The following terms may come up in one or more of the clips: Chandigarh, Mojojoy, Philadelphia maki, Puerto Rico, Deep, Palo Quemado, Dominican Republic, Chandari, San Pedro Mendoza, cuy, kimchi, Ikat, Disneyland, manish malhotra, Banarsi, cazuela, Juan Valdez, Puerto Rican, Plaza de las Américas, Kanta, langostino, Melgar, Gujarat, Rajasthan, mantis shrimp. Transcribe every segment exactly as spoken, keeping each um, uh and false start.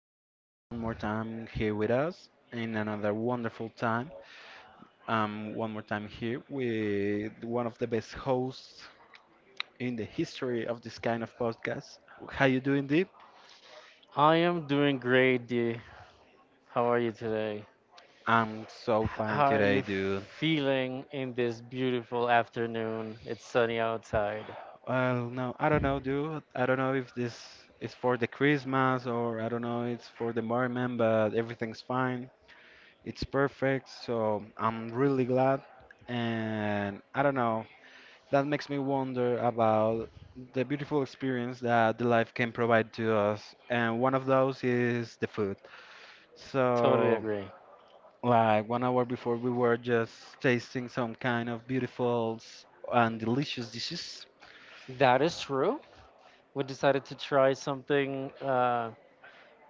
for being one more time here with us in another wonderful time. Um, one more time here with one of the best hosts in the history of this kind of podcast. How you doing, Deep? I am doing great, D. How are you today? I'm H- so fine How are you today, dude. feeling in this beautiful afternoon? It's sunny outside. Well, no, I don't know, dude. I don't know if this is for the Christmas or I don't know it's for the morning, but everything's fine. It's perfect, so I'm really glad. And I don't know, that makes me wonder about the beautiful experience that the life can provide to us. And one of those is the food. Totally So, agree. like one hour before, we were just tasting some kind of beautiful s- and delicious dishes. That is true. We decided to try something uh,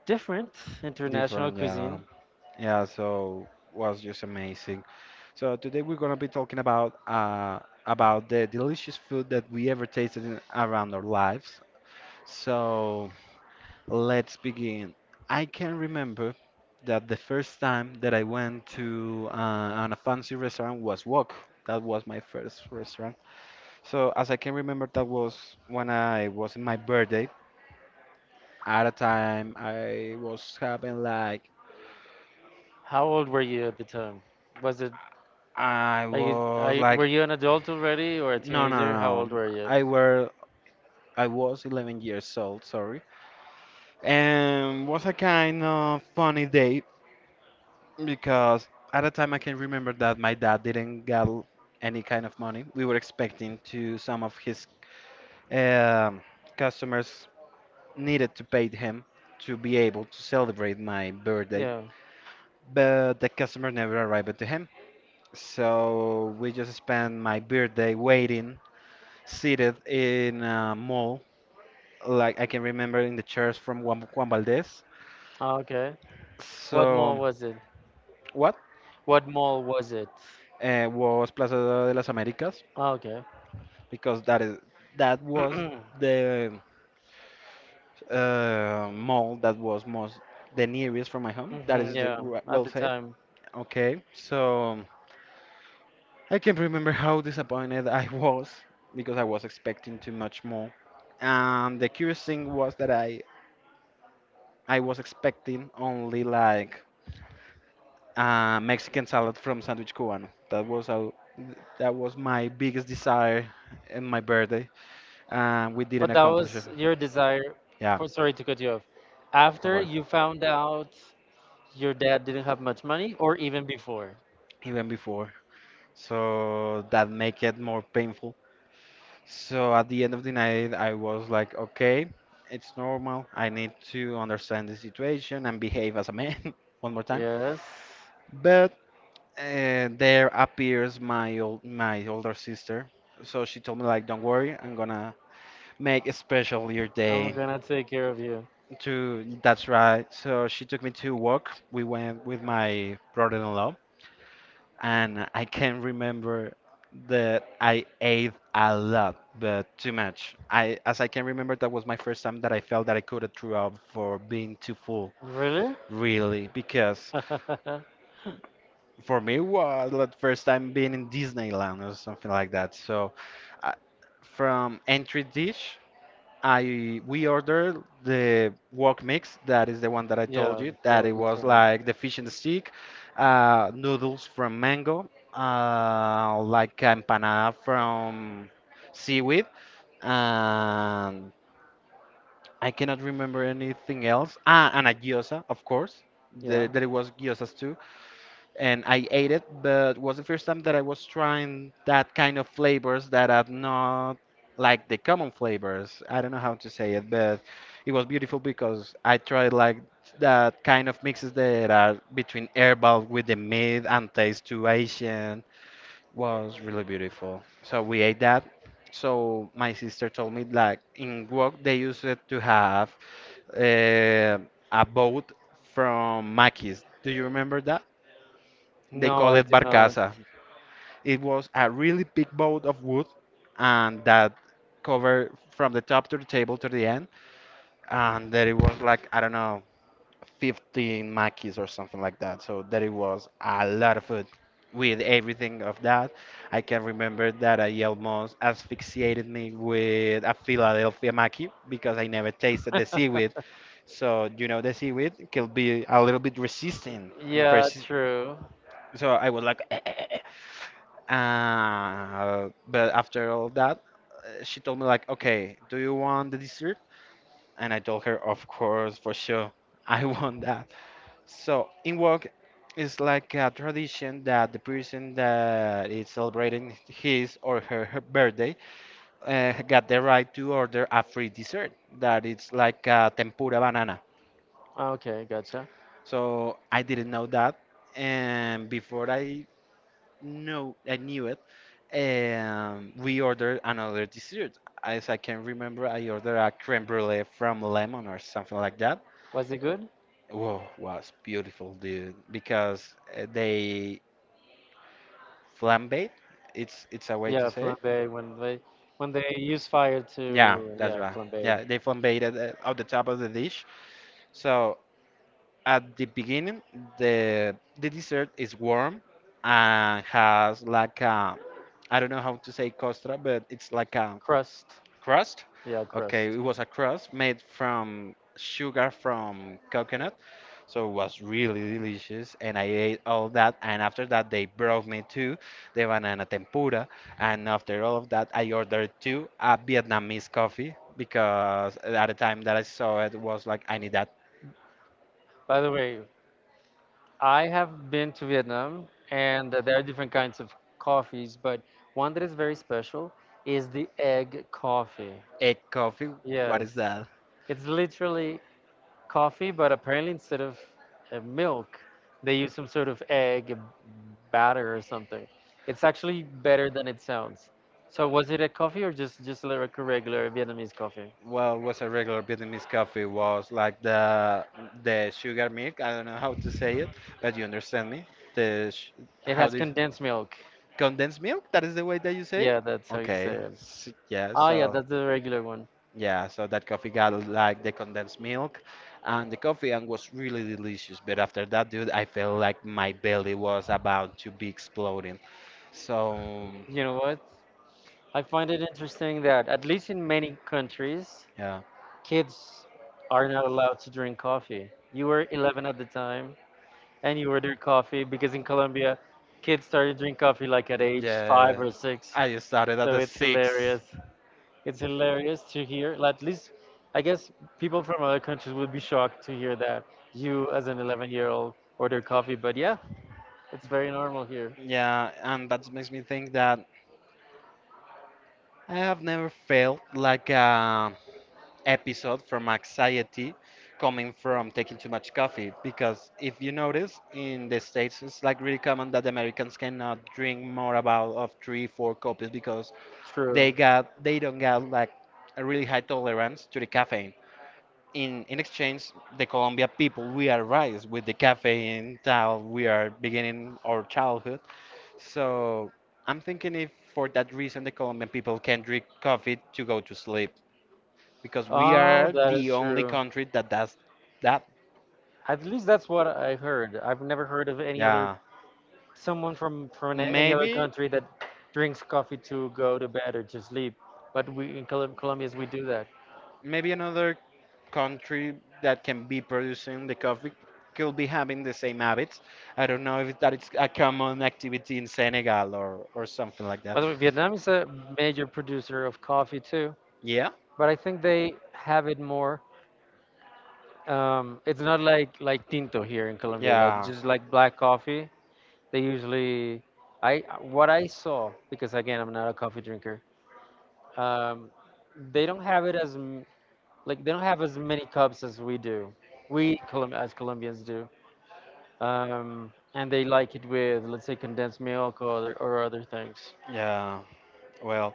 different, international Different, yeah. cuisine. Yeah, so was just amazing. So today we're gonna be talking about uh about the delicious food that we ever tasted in, around our lives. So let's begin. I can remember that the first time that I went to uh, on a fancy restaurant was Wok. That was my first restaurant. So as I can remember, that was when I was in my birthday. At a time, I was having like How old were you at the time? Was it I are you, are was you were like, you an adult already or a no, no, teenager? How no, old no. were you? I were, I was eleven years old. Sorry, and was a kind of funny day because at the time I can remember that my dad didn't get any kind of money. We were expecting to some of his um, customers needed to pay him to be able to celebrate my birthday, Yeah. but the customer never arrived to him. So we just spent my birthday waiting seated in a mall, like I can remember in the chairs from Juan, Juan Valdez. Ah, okay. What So, mall was it? what? What mall was it? Uh, was Plaza de las Américas Ah, okay. because that is that was Hmm. the uh, mall that was most the nearest from my home. That is the, Yeah, w- at well the said. time. Okay, so I can remember how disappointed I was because I was expecting too much more. And the curious thing was that I I was expecting only like uh, Mexican salad from Sandwich Cubano. That was a, that was my biggest desire in my birthday, and we didn't But that accomplish it. was your desire. Yeah. For sorry to cut you off. Don't After worry. you found out your dad didn't have much money, or even before. Even before, so that make it more painful. So at the end of the night, I was like, okay, it's normal. I need to understand the situation and behave as a man one more time. Yes, But and there appears my old my older sister. So she told me like, don't worry, I'm gonna make a special your I'm day. gonna take care of you. To that's right. So she took me to walk. We went with my brother-in-law, and I can remember that I ate a lot, but too much. I, as I can remember, that was my first time that I felt that I could have threw up for being too full, Really? really, because for me was the first time being in Disneyland or something like that. So I, from entry dish, I we ordered the wok mix. That is the one that I told Yeah, you. they That it will be was turning. like the fish and stick, uh, noodles from mango, uh, like empanada from seaweed, and I cannot remember anything else. Ah, and a gyoza, of course. There, Yeah. there was gyozas too and I ate it, but was the first time that I was trying that kind of flavors that are not like the common flavors. I don't know how to say it, but it was beautiful because I tried like that kind of mixes that are between herbal with the meat and taste to Asian. Was really beautiful. So we ate that. So my sister told me like in Guok they used it to have uh, a boat from Maquis. Do you remember that? They No, call I it do not. barcaza. It was a really big boat of wood, and that covered from the top to the table to the end. And there it was like, I don't know, fifteen makis or something like that. So there it was a lot of food with everything of that. I can remember that I almost asphyxiated me with a Philadelphia maki because I never tasted the seaweed. So, you know, the seaweed can be a little bit resistant and Yeah, persi- true. so I was like Uh, but after all that, uh, she told me like, "Okay, do you want the dessert?" And I told her, "Of course, for sure, I want that." So in work, it's like a tradition that the person that is celebrating his or her, her birthday uh, got the right to order a free dessert that it's like a tempura banana. Okay, gotcha. So I didn't know that, and before I know I knew it. Um, we ordered another dessert. As I can remember, I ordered a creme brulee from Lemon or something like that. Was it good? Whoa, was beautiful, dude. Because uh, they flambé. It's it's a way to Yeah, say it. flambe when they when they use fire Yeah, to, that's yeah, right. flambade. Yeah, they flambe it uh, on the top of the dish. So at the beginning, the the dessert is warm and has like a I don't know how to say costra, but it's like a Crust. crust? Yeah, Okay, it crust. was a crust made from sugar from coconut, so it was really delicious, and I ate all that. And after that, they brought me to the banana tempura, and after all of that, I ordered two a Vietnamese coffee because at the time that I saw it was like, I need that By the way, I have been to Vietnam and uh, there are different kinds of coffees, but one that is very special is the egg coffee. egg coffee. What Yes. is that? It's literally coffee, but apparently instead of uh, milk, they use some sort of egg batter or something. It's actually better than it sounds. So was it a coffee or just just like a regular Vietnamese coffee? Well, it was a regular Vietnamese coffee. Was like the the sugar milk. I don't know how to say it, Uh, you understand me? The sh It how has this condensed milk. condensed milk? That is the way that you say Yeah, it? that's how you say Okay. it. S yeah, Ah, yeah, so that's the regular one. yeah, so that coffee got like the condensed milk and the coffee and was really delicious. But after that, dude, I felt like my belly was about to be exploding. So You know what? I find it interesting that at least in many countries, yeah. kids are not allowed to drink coffee. You were eleven at the time, and you order coffee because in Colombia, kids started to drink coffee like at age five Yeah, or six. I started So at the it's six. hilarious. It's hilarious to hear. Like, at least, I guess people from other countries would be shocked to hear that you, as an eleven-year-old, order coffee. But yeah, it's very normal here. Yeah, and that makes me think that I have never felt like a episode from anxiety coming from taking too much coffee. Because if you notice, in the States, it's like really common that Americans cannot drink more about of three, four copies because they True. got they don't got like a really high tolerance to the caffeine. In in exchange, the Colombia people we are raised with the caffeine till we are beginning our childhood. So I'm thinking if for that reason the Colombian people can drink coffee to go to sleep because we Oh, are that the is only true. country that does that. At least that's what I heard. I've never heard of any other Yeah. someone from from an- any other Maybe country that drinks coffee to go to bed or to sleep. But we in Colom- Colombians, we do that. maybe another country that can be producing the coffee could be having the same habits. I don't know if that is a common activity in Senegal or, or something like that. By the way, Vietnam is a major producer of coffee too, Yeah. but I think they have it more. Um, it's not like like tinto here in Colombia, like Yeah. just like black coffee. They usually, I what I saw, because again I'm not a coffee drinker. Um, they don't have it as m- like they don't have as many cups as we do. We Colom- as Colombians do, um, and they like it with, let's say, condensed milk or other, or other things. Yeah. Well,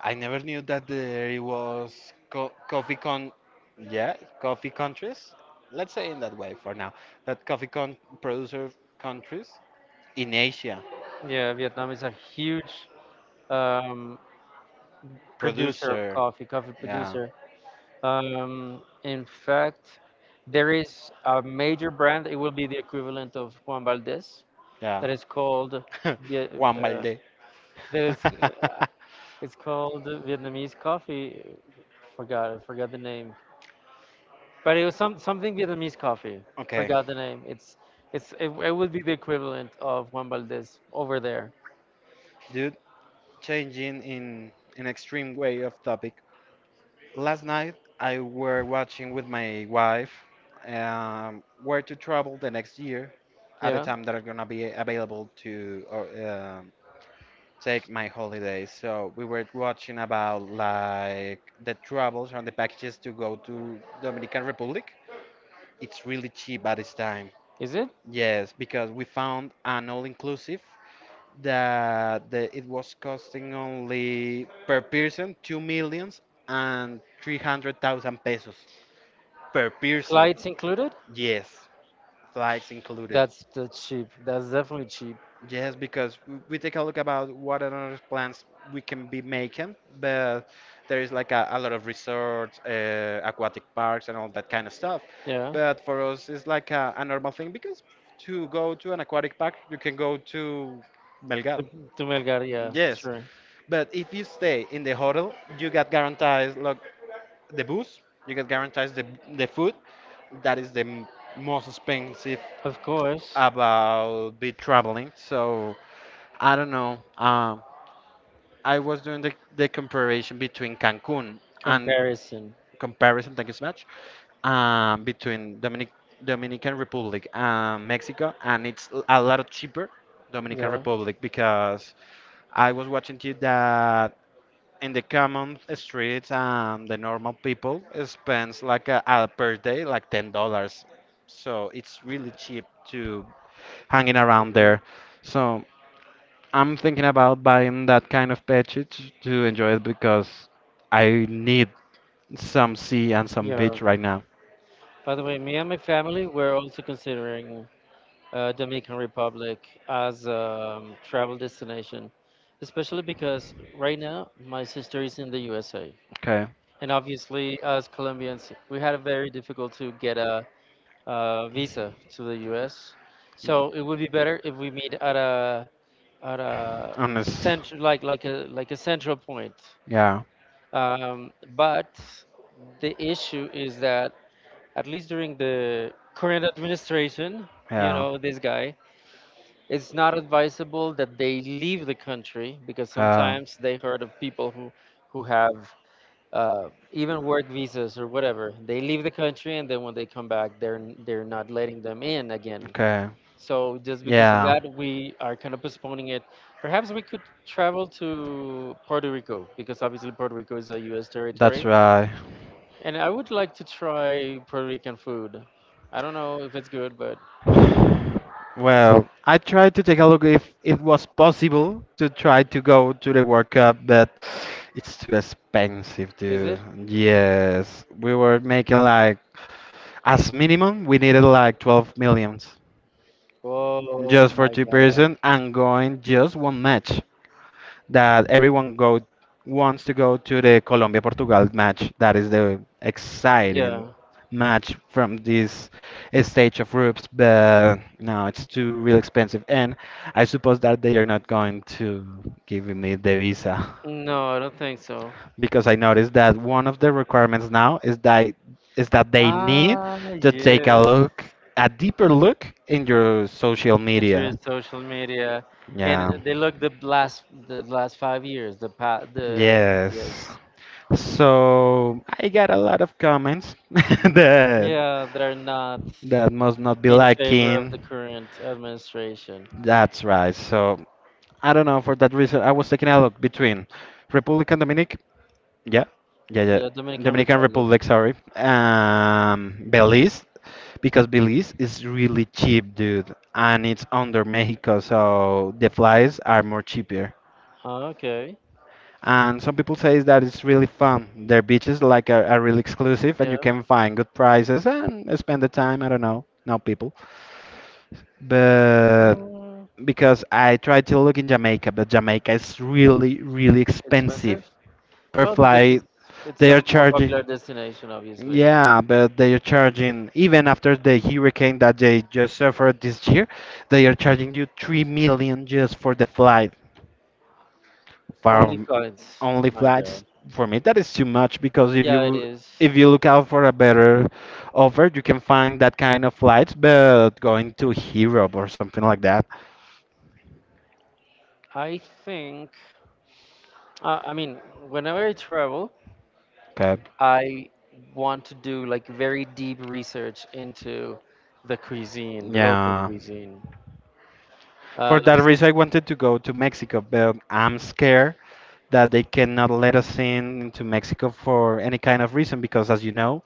I never knew that there was co- coffee con, yeah, coffee countries. Let's say in that way for now. That coffee con producer countries in Asia. Yeah, Vietnam is a huge um, producer of Producer. coffee, coffee Yeah. producer. Um, in fact, there is a major brand. It will be the equivalent of Juan Valdez Yeah. that is called Vie- Juan uh, Valdez. that is it's called Vietnamese coffee. Forgot I forgot the name. But it was some something Vietnamese coffee. Okay, Forgot the name. It's it's it, it would be the equivalent of Juan Valdez over there. dude, changing in an extreme way of topic. Last night I were watching with my wife um, where to travel the next year at a Yeah, time that are gonna be available to or, um take my holidays. So we were watching about like the travels and the packages to go to Dominican Republic. It's really cheap at this time. is it? Yes, because we found an all-inclusive that the, it was costing only per person two millions and three hundred thousand pesos per person. Flights included? Yes, flights included. That's that's cheap. That's definitely cheap. Yes, because w- we take a look about what other plans we can be making, but there is like a, a lot of resorts, uh, aquatic parks, and all that kind of stuff. Yeah. But for us, it's like a, a normal thing because to go to an aquatic park, you can go to Belgrade. To, to Melgar, yeah, Yes, sure. but if you stay in the hotel, you get guaranteed like the booze. You get guarantees the the food. That is the m- most expensive Of course, about be traveling. So I don't know. Um, I was doing the the comparison between Cancun and comparison. comparison. Thank you so much. Um, between Dominic Dominican Republic and Mexico, and it's l- a lot cheaper Dominican Yeah, Republic because I was watching to that in the common streets and the normal people spends like a, a per day like ten dollars, so it's really cheap to hanging around yeah, there, so I'm thinking about buying that kind of package to enjoy it because I need some sea and some yeah. beach right now. By the way, me and my family were also considering uh, Dominican Republic as a um, travel destination, especially because right now my sister is in the U S A. Okay, And obviously, as Colombians, we had a very difficult to get a, a visa to the U S. So it would be better if we meet at a at a on this. central like like a like a central point. Yeah. Um, but the issue is that at least during the current administration, you Yeah, know, this guy, it's not advisable that they leave the country because sometimes they heard of people who who have uh, even work visas or whatever. They leave the country, and then when they come back, they're they're not letting them in again. okay. So just because of that, we are kind of postponing it. Perhaps we could travel to Puerto Rico because obviously Puerto Rico is a U S territory, That's right. and I would like to try Puerto Rican food. I don't know if it's good, but Well, I tried to take a look if it was possible to try to go to the World Cup, but it's too expensive, is dude. it? Yes, we were making like, as minimum, we needed like twelve millions Oh just for my two God! person and going just one match that everyone go wants to go to the Colombia Portugal match. That is the exciting Yeah. match from this stage of groups, but no, it's too real expensive, and I suppose that they are not going to give me the visa No, I don't think so. because I noticed that one of the requirements now is that is that they need Ah, to take a yes, look, a deeper look in your social enter media. social media, and Yeah. they look the last the last five years. The pa the Yes. yes, So I got a lot of comments that yeah, they're not that must not be in favor of lacking. the current administration. That's right. So I don't know, for that reason I was taking a look between Republican Dominic, yeah, yeah, yeah. Yeah, Dominican Dominican Republic. Republic, sorry. Um, Belize, because Belize is really cheap, dude, and it's under Mexico, so the flights are more cheaper. Ah, okay, And some people say that it's really fun. Their beaches like are, are really exclusive, and you yeah, can find good prices and spend the time. I don't know, no people, but mm, because I tried to look in Jamaica, but Jamaica is really, really expensive expensive. per Well, because flight. it's it's They a are more charging. popular destination, obviously. Yeah, but they are charging, even after the hurricane that they just suffered this year, they are charging you three million just for the flight, for Only coins. only My flights. God. For me, that is too much because if Yeah, it you is. if you look out for a better offer, you can find that kind of flights, but going to Europe or something like that. I think. Uh, I mean, whenever I travel. Okay. I want to do like very deep research into the cuisine, the local Yeah. cuisine. Uh, For that reason, I wanted to go to Mexico, but I'm scared that they cannot let us in into Mexico for any kind of reason because, as you know,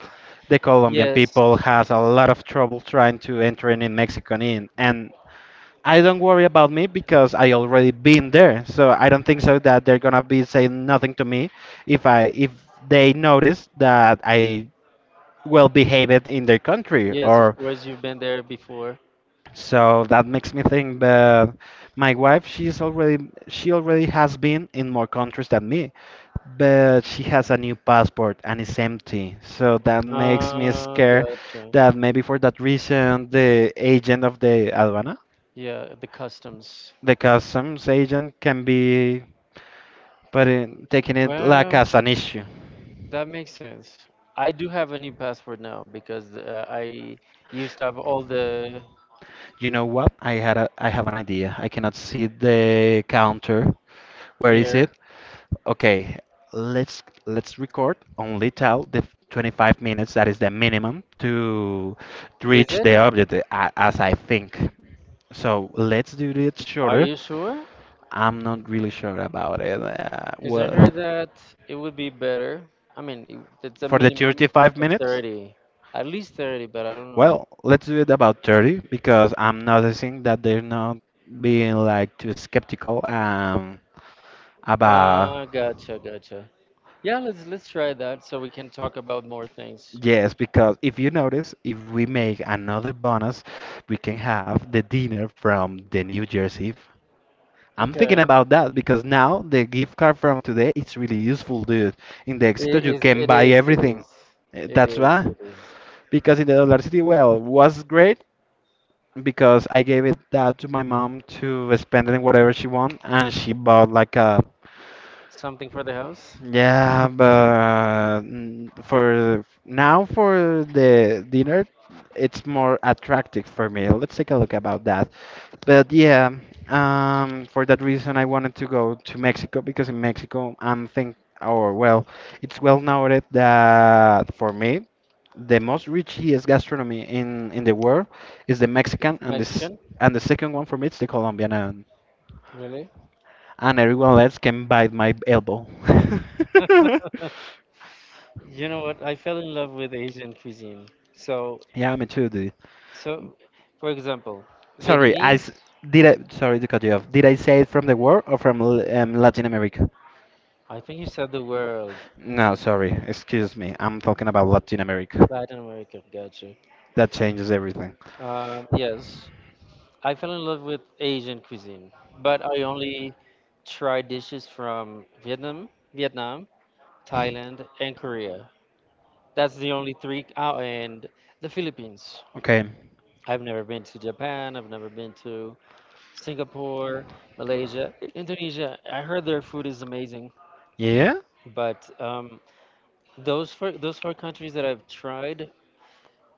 the Colombian yes, people has a lot of trouble trying to enter in, in Mexico and in. And I don't worry about me because I already been there, so I don't think so that they're gonna be saying nothing to me if I if they notice that I well behaved in their country yes, of or course, you've been there before. so that makes me think that my wife, she's already she already has been in more countries than me, but she has a new passport and it's empty. So that makes me Ah, scared gotcha. that maybe for that reason the agent of the aduana, Yeah, the customs. the customs agent can be putting taking it like Well, as an issue. that makes sense. I do have a new passport now because uh, I used up all the You know what? I had a I have an idea. I cannot see the counter. Where is it? here. Okay, let's let's record only till the f- twenty-five minutes that is the minimum to to Is reach it? the objective a- as I think. So let's do it Are shorter. you sure? I'm not really sure about it. Uh, Because I Well, heard that it would be better. I mean, it- it's a for the minimum. thirty-five minutes? thirty. At least thirty, but I don't know. Well, let's do it about thirty because I'm noticing that they're not being like too skeptical um about. Uh, gotcha, gotcha. Yeah, let's let's try that so we can talk about more things. Yes, because if you notice, if we make another bonus, we can have the dinner from the New Jersey. f- I'm thinking Okay. about that because now the gift card from today it's really useful, dude. In the It Exito, you is can it buy is it everything. is. Eh, It That's is why it is. because in the Dollar City, well, was great because I gave it that to my mom to spend it in whatever she want, and she bought like a, Something for the house? yeah, but mm, for now for the dinner, it's more attractive for me. Let's take a look about that. But yeah, um, for that reason, I wanted to go to Mexico because in Mexico, I'm think, or well, it's well noted that for me, the most richest gastronomy in in the world is the Mexican, and this Mexican? and the second one for me it's the Colombian, and Really? and everyone else can bite my elbow. You know what? I fell in love with Asian cuisine. So Yeah, me too, dude. so for example, Sorry, I Vietnamese, s- did I sorry to cut you off. Did I say it from the world or from L- um, Latin America? I think you said the world. No, sorry. Excuse me. I'm talking about Latin America. Latin America, gotcha. That changes everything. Um, yes. I fell in love with Asian cuisine, but I only tried dishes from Vietnam, Vietnam, Thailand, and Korea. That's the only three. Oh, and the Philippines. Okay. I've never been to Japan. I've never been to Singapore, Malaysia, I- Indonesia. I heard their food is amazing, Yeah? but um, those four those four countries that I've tried,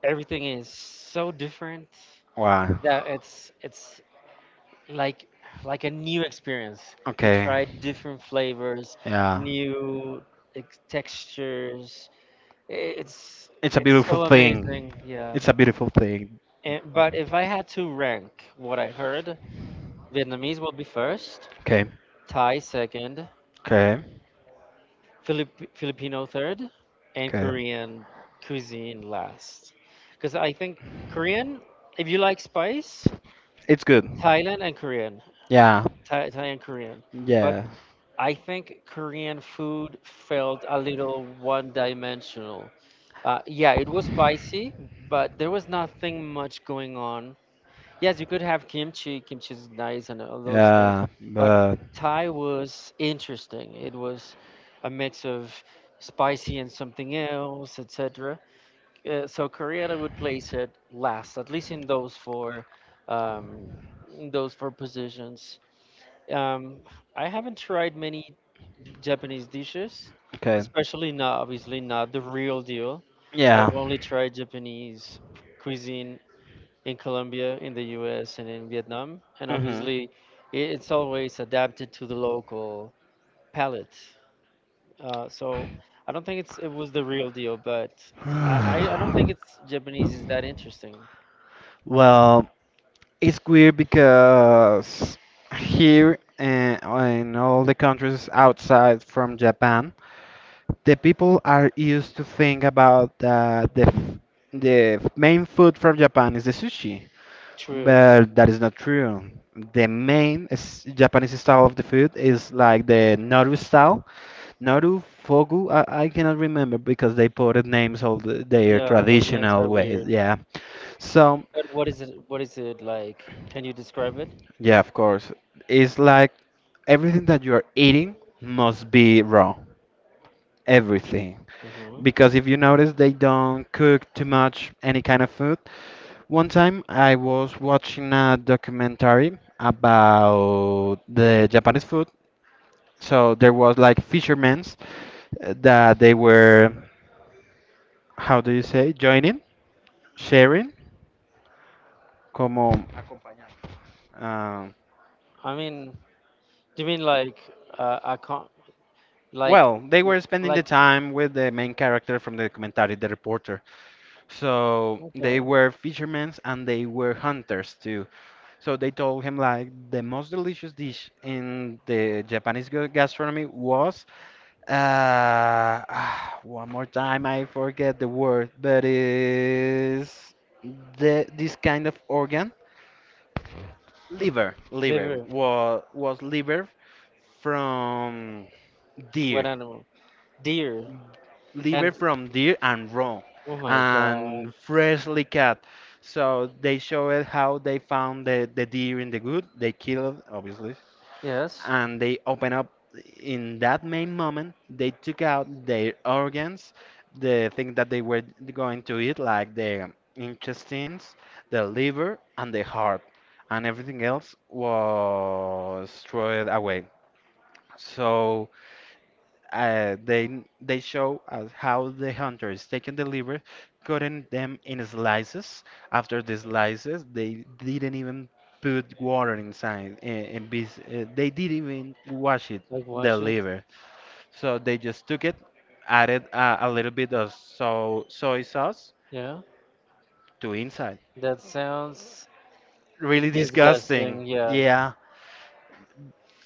everything is so different Why? that it's it's like like a new experience. You Okay. try different flavors, Yeah. new ex- textures. I- It's It's a it's beautiful so thing. amazing. Yeah. It's a beautiful thing. And, but if I had to rank what I heard, Vietnamese will be first, Okay. Thai second, Okay. Filip- Filipino third, and Okay. Korean cuisine last. Because I think Korean, if you like spice, It's good. Thailand and Korean, Yeah. Thai, Thai and Korean. Yeah. I think Korean food felt a little one-dimensional. Uh, yeah, it was spicy, but there was nothing much going on. Yes, you could have kimchi. Kimchi is nice and all those things, Yeah. but But Thai was interesting. It was a mix of spicy and something else, et cetera. Uh, so Korean, I would place it last, at least in those four, um, in those four positions. Um, I haven't tried many Japanese dishes, okay. especially not, obviously not, the real deal. Yeah. I've only tried Japanese cuisine in Colombia, in the U S, and in Vietnam, and Mhm. obviously i- it's always adapted to the local palate. Uh, so I don't think it's it was the real deal, but I, I I don't think it's Japanese is that interesting. Well, it's weird because here and in all the countries outside from Japan, the people are used to think about uh, the f- the f- main food from Japan is the sushi. True. But that is not true. The main s- Japanese style of the food is like the Naru style. Naru, Fogu, I, I cannot remember because they put it names of the, their Yeah, those names traditional are ways. weird. Yeah. So, But what is it? What is it like? Can you describe it? yeah, of course. It's like everything that you are eating must be raw. Everything. Hmm. Because if you notice, they don't cook too much any kind of food. One time I was watching a documentary about the Japanese food. So there was like fishermen's uh, that they were, how do you say, joining, sharing, como, uh, I mean, do you mean like uh, I can't like well, they were spending the like time with the main character from the documentary, the reporter. So they okay were fishermen and they were hunters too. So they told him like the most delicious dish in the Japanese gu- gastronomy was Uh, ah, one more time, I forget the word, but is the this kind of organ? Liver, liver liver. was was liver from What deer. animal? Deer. Liver And from deer and raw oh my god. and freshly cut. So they show it how they found the, the deer in the wood. They killed it, obviously, Yes. and they open up in that main moment they took out their organs, the thing that they were going to eat like the intestines, the liver and the heart, and everything else was thrown away. So uh, they they show us how the hunters taking the liver, cutting them in slices. After the slices, they didn't even put water inside, and, and bes- uh, they didn't even wash it, Like, the wash it. liver. So they just took it, added uh, a little bit of so soy sauce Yeah, to inside. that sounds Really disgusting, disgusting. yeah. Yeah.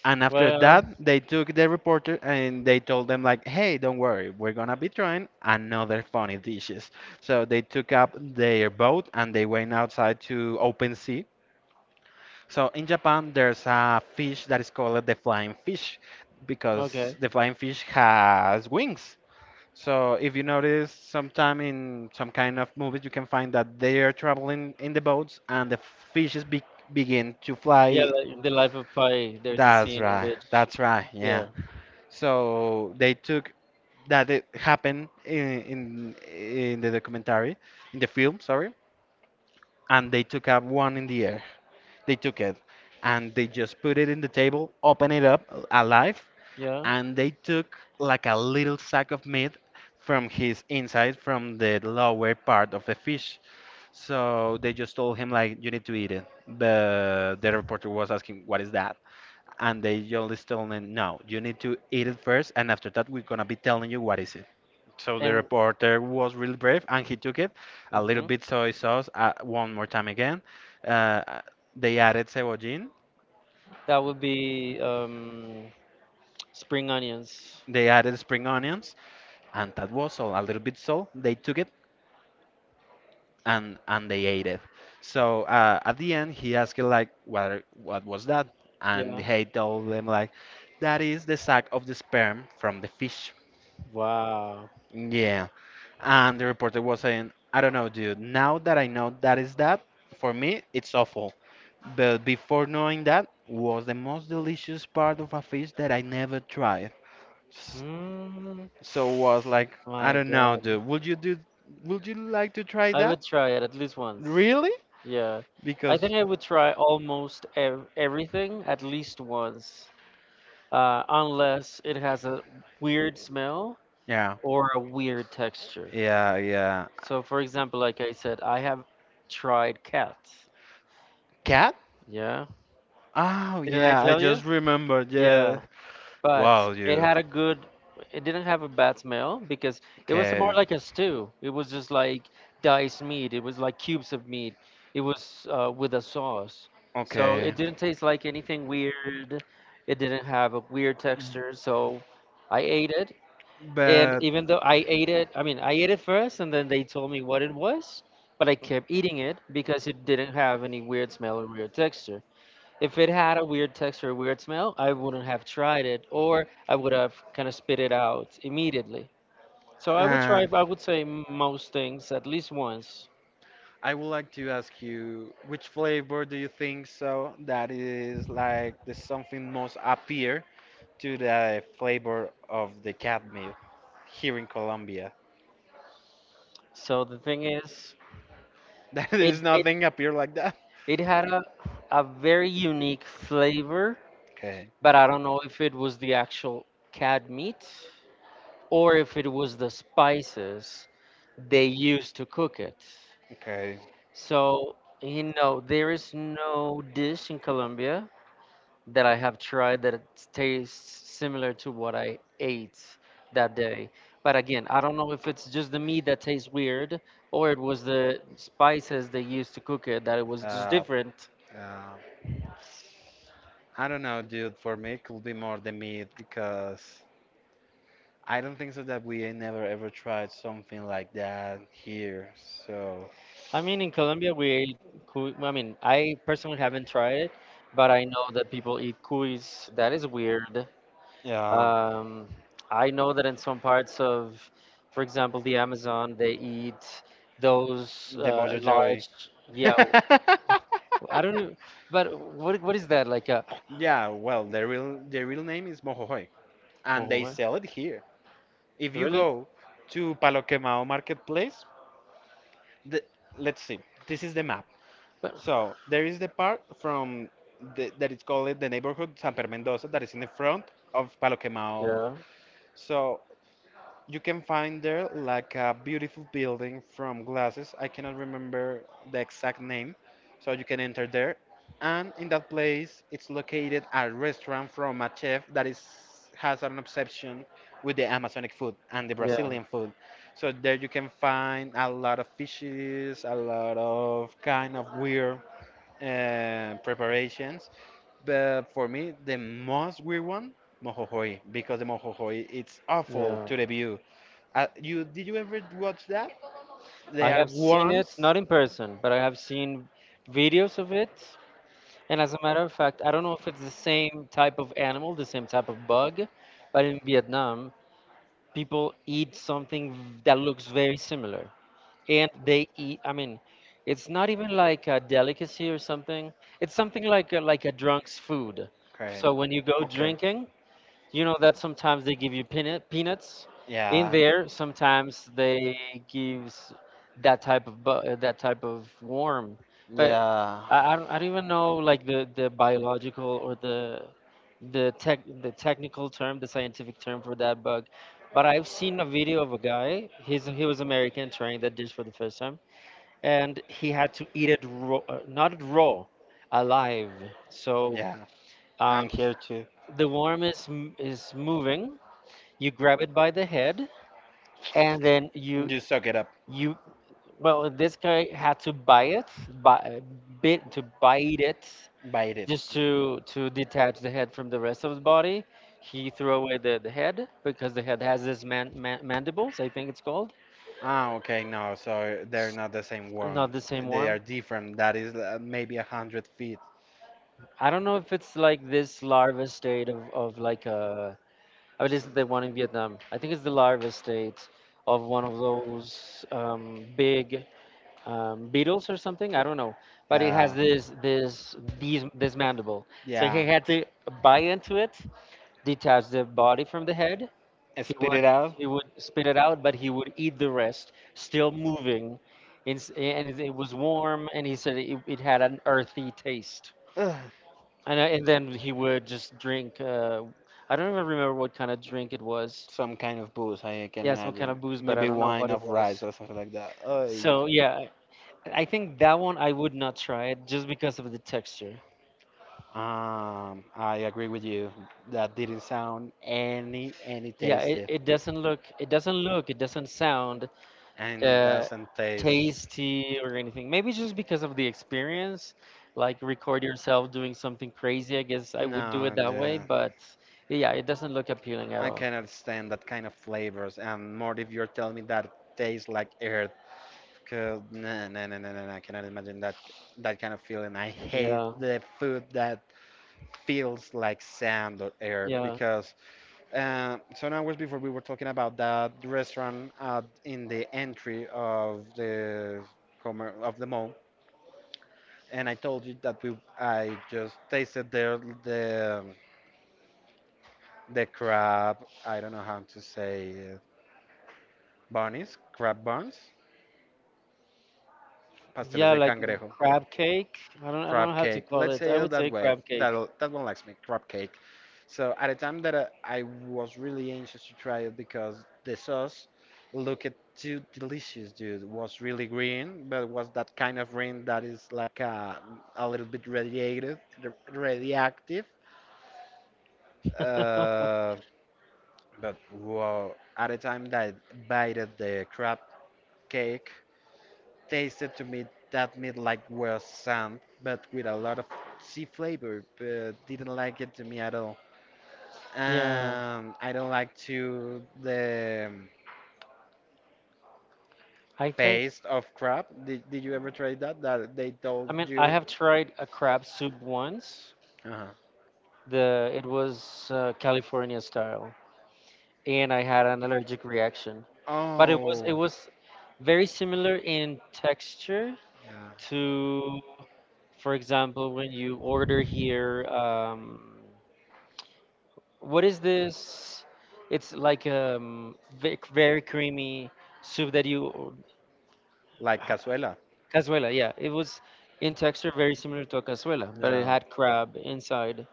And after that, Well, they took the reporter and they told them like, "Hey, don't worry, we're gonna be trying another funny dishes." So they took up their boat and they went outside to open sea. So in Japan, there's a fish that is called the flying fish because okay. the flying fish has wings. So if you notice, sometime in some kind of movies, you can find that they are traveling in the boats and the fishes be begin to Yeah, fly. like the Life of Pi, there's a That's scene in right. which. That's right. Yeah. Yeah, So they took that it happened in in in the documentary, in the film, sorry, and they took up one in the air. They took it and they just put it in the table, open it up alive, yeah. and they took like a little sack of meat from his inside from the lower part of the fish, so they just told him like you need to eat it, but the reporter was asking what is that, and they just told him no, you need to eat it first and after that we're gonna be telling you what is it. So the And reporter was really brave and he took it, a little mhm. bit soy sauce, uh, one more time again, uh, they added cebollin, That would be um, spring onions. they added spring onions, and that was all, a little bit salt, they took it and and they ate it. So uh, at the end, he asked it, like, what are- what was that? And Yeah. he told them like, that is the sack of the sperm from the fish. Wow. Yeah, and the reporter was saying, I don't know, dude. Now that I know that is that, for me, it's awful. But before knowing that, was the most delicious part of a fish that I never tried. S- Mm, So was like, I my don't know, God. dude. Would you do? Would you like to try I that? would try it at least once. Really? Yeah. I think I would try almost ev- everything at least once, uh, unless it has a weird smell Yeah. or a weird texture. Yeah, yeah. So, for example, like I said, I have tried cats. Cat? Yeah. Oh, Didn't I yeah, I tell just you? remembered. Yeah. Yeah. But Wow, it you. had a good, it didn't have a bad smell because it was more Okay. like a stew. It was just like diced meat. It was like cubes of meat. It was uh, with a sauce. So it Okay. didn't taste like anything weird. It didn't have a weird texture. So I ate it. And But. even though I ate it, I mean, I ate it first and then they told me what it was, but I kept eating it because it didn't have any weird smell or weird texture. If it had a weird texture, weird smell, I wouldn't have tried it, or I would have kind of spit it out immediately. So I would try, And. I would say most things at least once. I would like to ask you which flavor do you think so that is like the something most appear to the flavor of the cat meat here in Colombia? So the thing is, That it is it nothing appear like that. it had a a very unique flavor, Okay, but I don't know if it was the actual cat meat or if it was the spices they used to cook it. okay. So, you know, there is no dish in Colombia that I have tried that it tastes similar to what I ate that day. But again, I don't know if it's just the meat that tastes weird or it was the spices they used to cook it that it was just Uh, different. uh, I don't know, dude. For me, it could be more the meat because I don't think so that we never ever tried something like that here. So I mean, in Colombia, we ate cuy. I mean, I personally haven't tried it, but I know that people eat cuis. That is weird. yeah. Um, I know that in some parts of, for example, the Amazon, they eat those The uh, Mojo Joy. large, yeah, I don't know, but what what is that like? A, Yeah, well, the real the real name is Mojojoy, oh, and they what? sell it here. If you Really? go to Palo Quemado Marketplace, the, let's see. This is the map. But, So there is the part from the, that is called the neighborhood San Pedro Mendoza that is in the front of Palo Quemado. yeah. So you can find there like a beautiful building from glasses. I cannot remember the exact name, so you can enter there. And in that place, it's located a restaurant from a chef that is has an obsession with the Amazonic food and the Yeah. Brazilian food. So there you can find a lot of fishes, a lot of kind of weird uh, preparations. But for me, the most weird one, Mohohoi, because the Mohohoi, it's awful Yeah. to the view. Uh, you did you ever watch that? They I are have seen it, worms. not in person, but I have seen videos of it. And as a matter of fact, I don't know if it's the same type of animal, the same type of bug, but in Vietnam, people eat something that looks very similar. And they eat, i mean it's not even like a delicacy or something, it's something like a, like a drunk's food. Okay. So when you go Okay. drinking, you know that sometimes they give you peanut peanuts in Yeah. there. Sometimes they gives that type of bu- uh, that type of worm. But Yeah. I, I don't I don't even know like the the biological or the the tech the technical term, the scientific term for that bug. But I've seen a video of a guy. He's he was American trying that dish for the first time, and he had to eat it raw, uh, not raw, alive. So Yeah. um, And here too. the worm is m- is moving. You grab it by the head, and then you You suck it up. you well, in this guy had to buy it, buy, bit to bite it, Bite it. just to to detach the head from the rest of the body. He threw away the, the head because the head has this man, man, mandibles, I think it's called. Ah, okay, no, so they're not the same worm. Not the same They are worm. different. That is uh, maybe a hundred feet. I don't know if it's like this larva state of, of like a, or it isn't. The one in Vietnam, I think it's the larva state of one of those um, big um, beetles or something. I don't know, but it Uh, has this this these this mandible. So he yeah. had to bite into it, detach the body from the head. He Spit it would out. he would spit it out, but he would eat the rest, still moving. It's- And it was warm, and he said it, it had an earthy taste. Ugh. And I- and then he would just drink. Uh, I don't even remember what kind of drink it was. Some kind of booze, I can Yeah, some kind imagine. of booze, but I Maybe don't know wine what it of rice was. or something like that. Oy. So yeah, I think that one I would not try it just because of the texture. Um, I agree with you. That didn't sound any any Yeah, it, tasty. it doesn't look it doesn't look it doesn't sound And it uh, doesn't taste. tasty or anything. Maybe just because of the experience, like record yourself doing something crazy. I guess I would do No, it that way, dude. but yeah, it doesn't look appealing I at all. cannot stand that kind of flavors. And more if you're telling me that it tastes like earth. 'Cause no, no, no, no, no, no, I cannot imagine that that kind of feeling. I hate Yeah, the food that feels like sand or air yeah, because uh, some hours before we were talking about that restaurant uh, in the entry of the commer of the mall, and I told you that we I just tasted there the the crab. I don't know how to say it, bunnies, crab buns, pasteles yeah, de like cangrejo, crab cake. I don't I don't crab know how cake. to call Let's it. say I it would that say way. crab That cake. that one likes me, crab cake. So at the time that uh, I was really anxious to try it because the sauce looked too delicious, dude. It was really green, but it was that kind of green that is like a, a little bit radiated, r- radioactive. Uh, but wow, at the time that I bited the crab cake, tasted to me that meat like was sand, but with a lot of sea flavor, but didn't like it to me at all. Yeah, Um, I don't like to the um, I think. paste of crab. Did, did you ever try that? That they told I mean, I you? have tried a crab soup once. Uh-huh. The it was uh, California style, and I had an allergic reaction. But it was Oh, it was very similar in texture yeah. to, for example, when you order here. Um, what is this? It's like um ve- very creamy soup that you o- Like ha- cazuela. cazuela. Yeah, it was in texture very similar to a cazuela, but it Yeah. had crab inside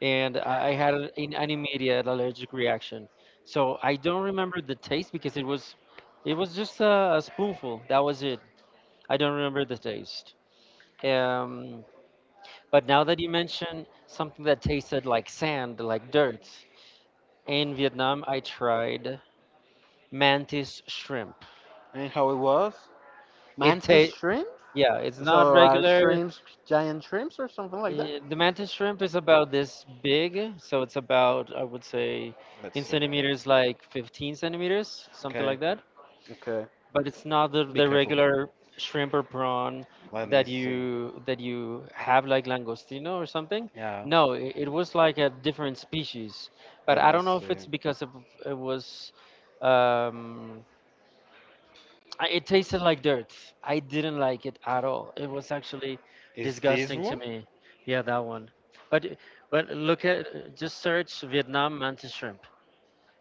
and I had an, an immediate allergic reaction. So I don't remember the taste because it was, it was just a, a spoonful. That was it. I don't remember the taste. Um, but now that you mention something that tasted like sand, like dirt, in Vietnam I tried mantis shrimp. And how it was? It Mantis tastes, shrimp? yeah, it's not So are regular. shrimps giant shrimps or something like that? eh, The mantis shrimp is about this big, so it's about, I would say, Let's in see. centimeters, like fifteen centimeters, something Okay, like that. okay. But it's not the, Be the careful. regular shrimp or prawn Let me that see. you that you have like langostino or something. Yeah. No, it, it was like a different species, but Let me I don't know if see. it's because of, it was um I, it tasted like dirt. I didn't like it at all. It was actually Is this disgusting one? to me. Yeah, that one. but but look at just search Vietnam mantis shrimp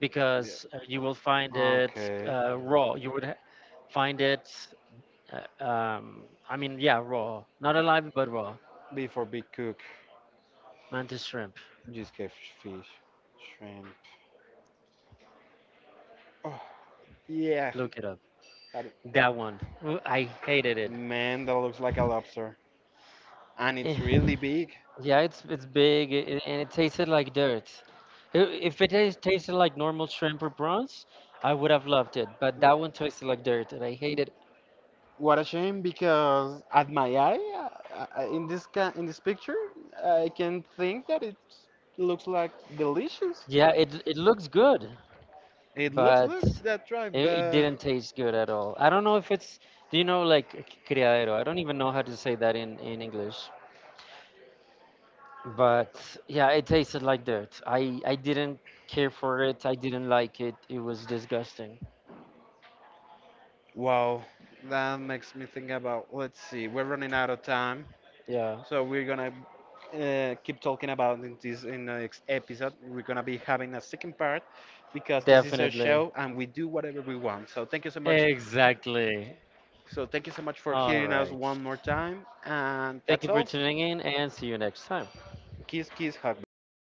because uh, you will find it Okay. uh, raw. You would ha- find it uh, um, I mean, yeah, raw, not alive but raw. Before be cook. Mantis shrimp. Just fish, shrimp. Oh, yeah. Look it up. That, That one. Ooh, I hated it. man, that looks like a lobster. And it's really Eh, big. Yeah, it's it's big, i- i- and it tasted like dirt. I- If it has tasted like normal shrimp or prawns, I would have loved it. But that one tasted like dirt, and I Hate it. hated. It. What a shame because at my eye, uh, uh, in this ca in this picture, I can think that it looks like delicious. Yeah, it it looks good, It looks but like that right, it, it but didn't taste good at all. I don't know if it's, do you know, like criadero? I don't even know how to say that in in English. But yeah, it tasted like dirt. I I didn't care for it. I didn't like it. It was disgusting. wow, that makes me think about. Let's see, we're running out of time, Yeah, so we're gonna uh, keep talking about in this in the next episode. We're gonna be having a second part because this is our definitely. show and we do whatever we want. So thank you so much. Exactly. So thank you so much for All hearing us right. one more time, and that's Thank you all. for tuning in and see you next time. Kiss, kiss, hug, bye.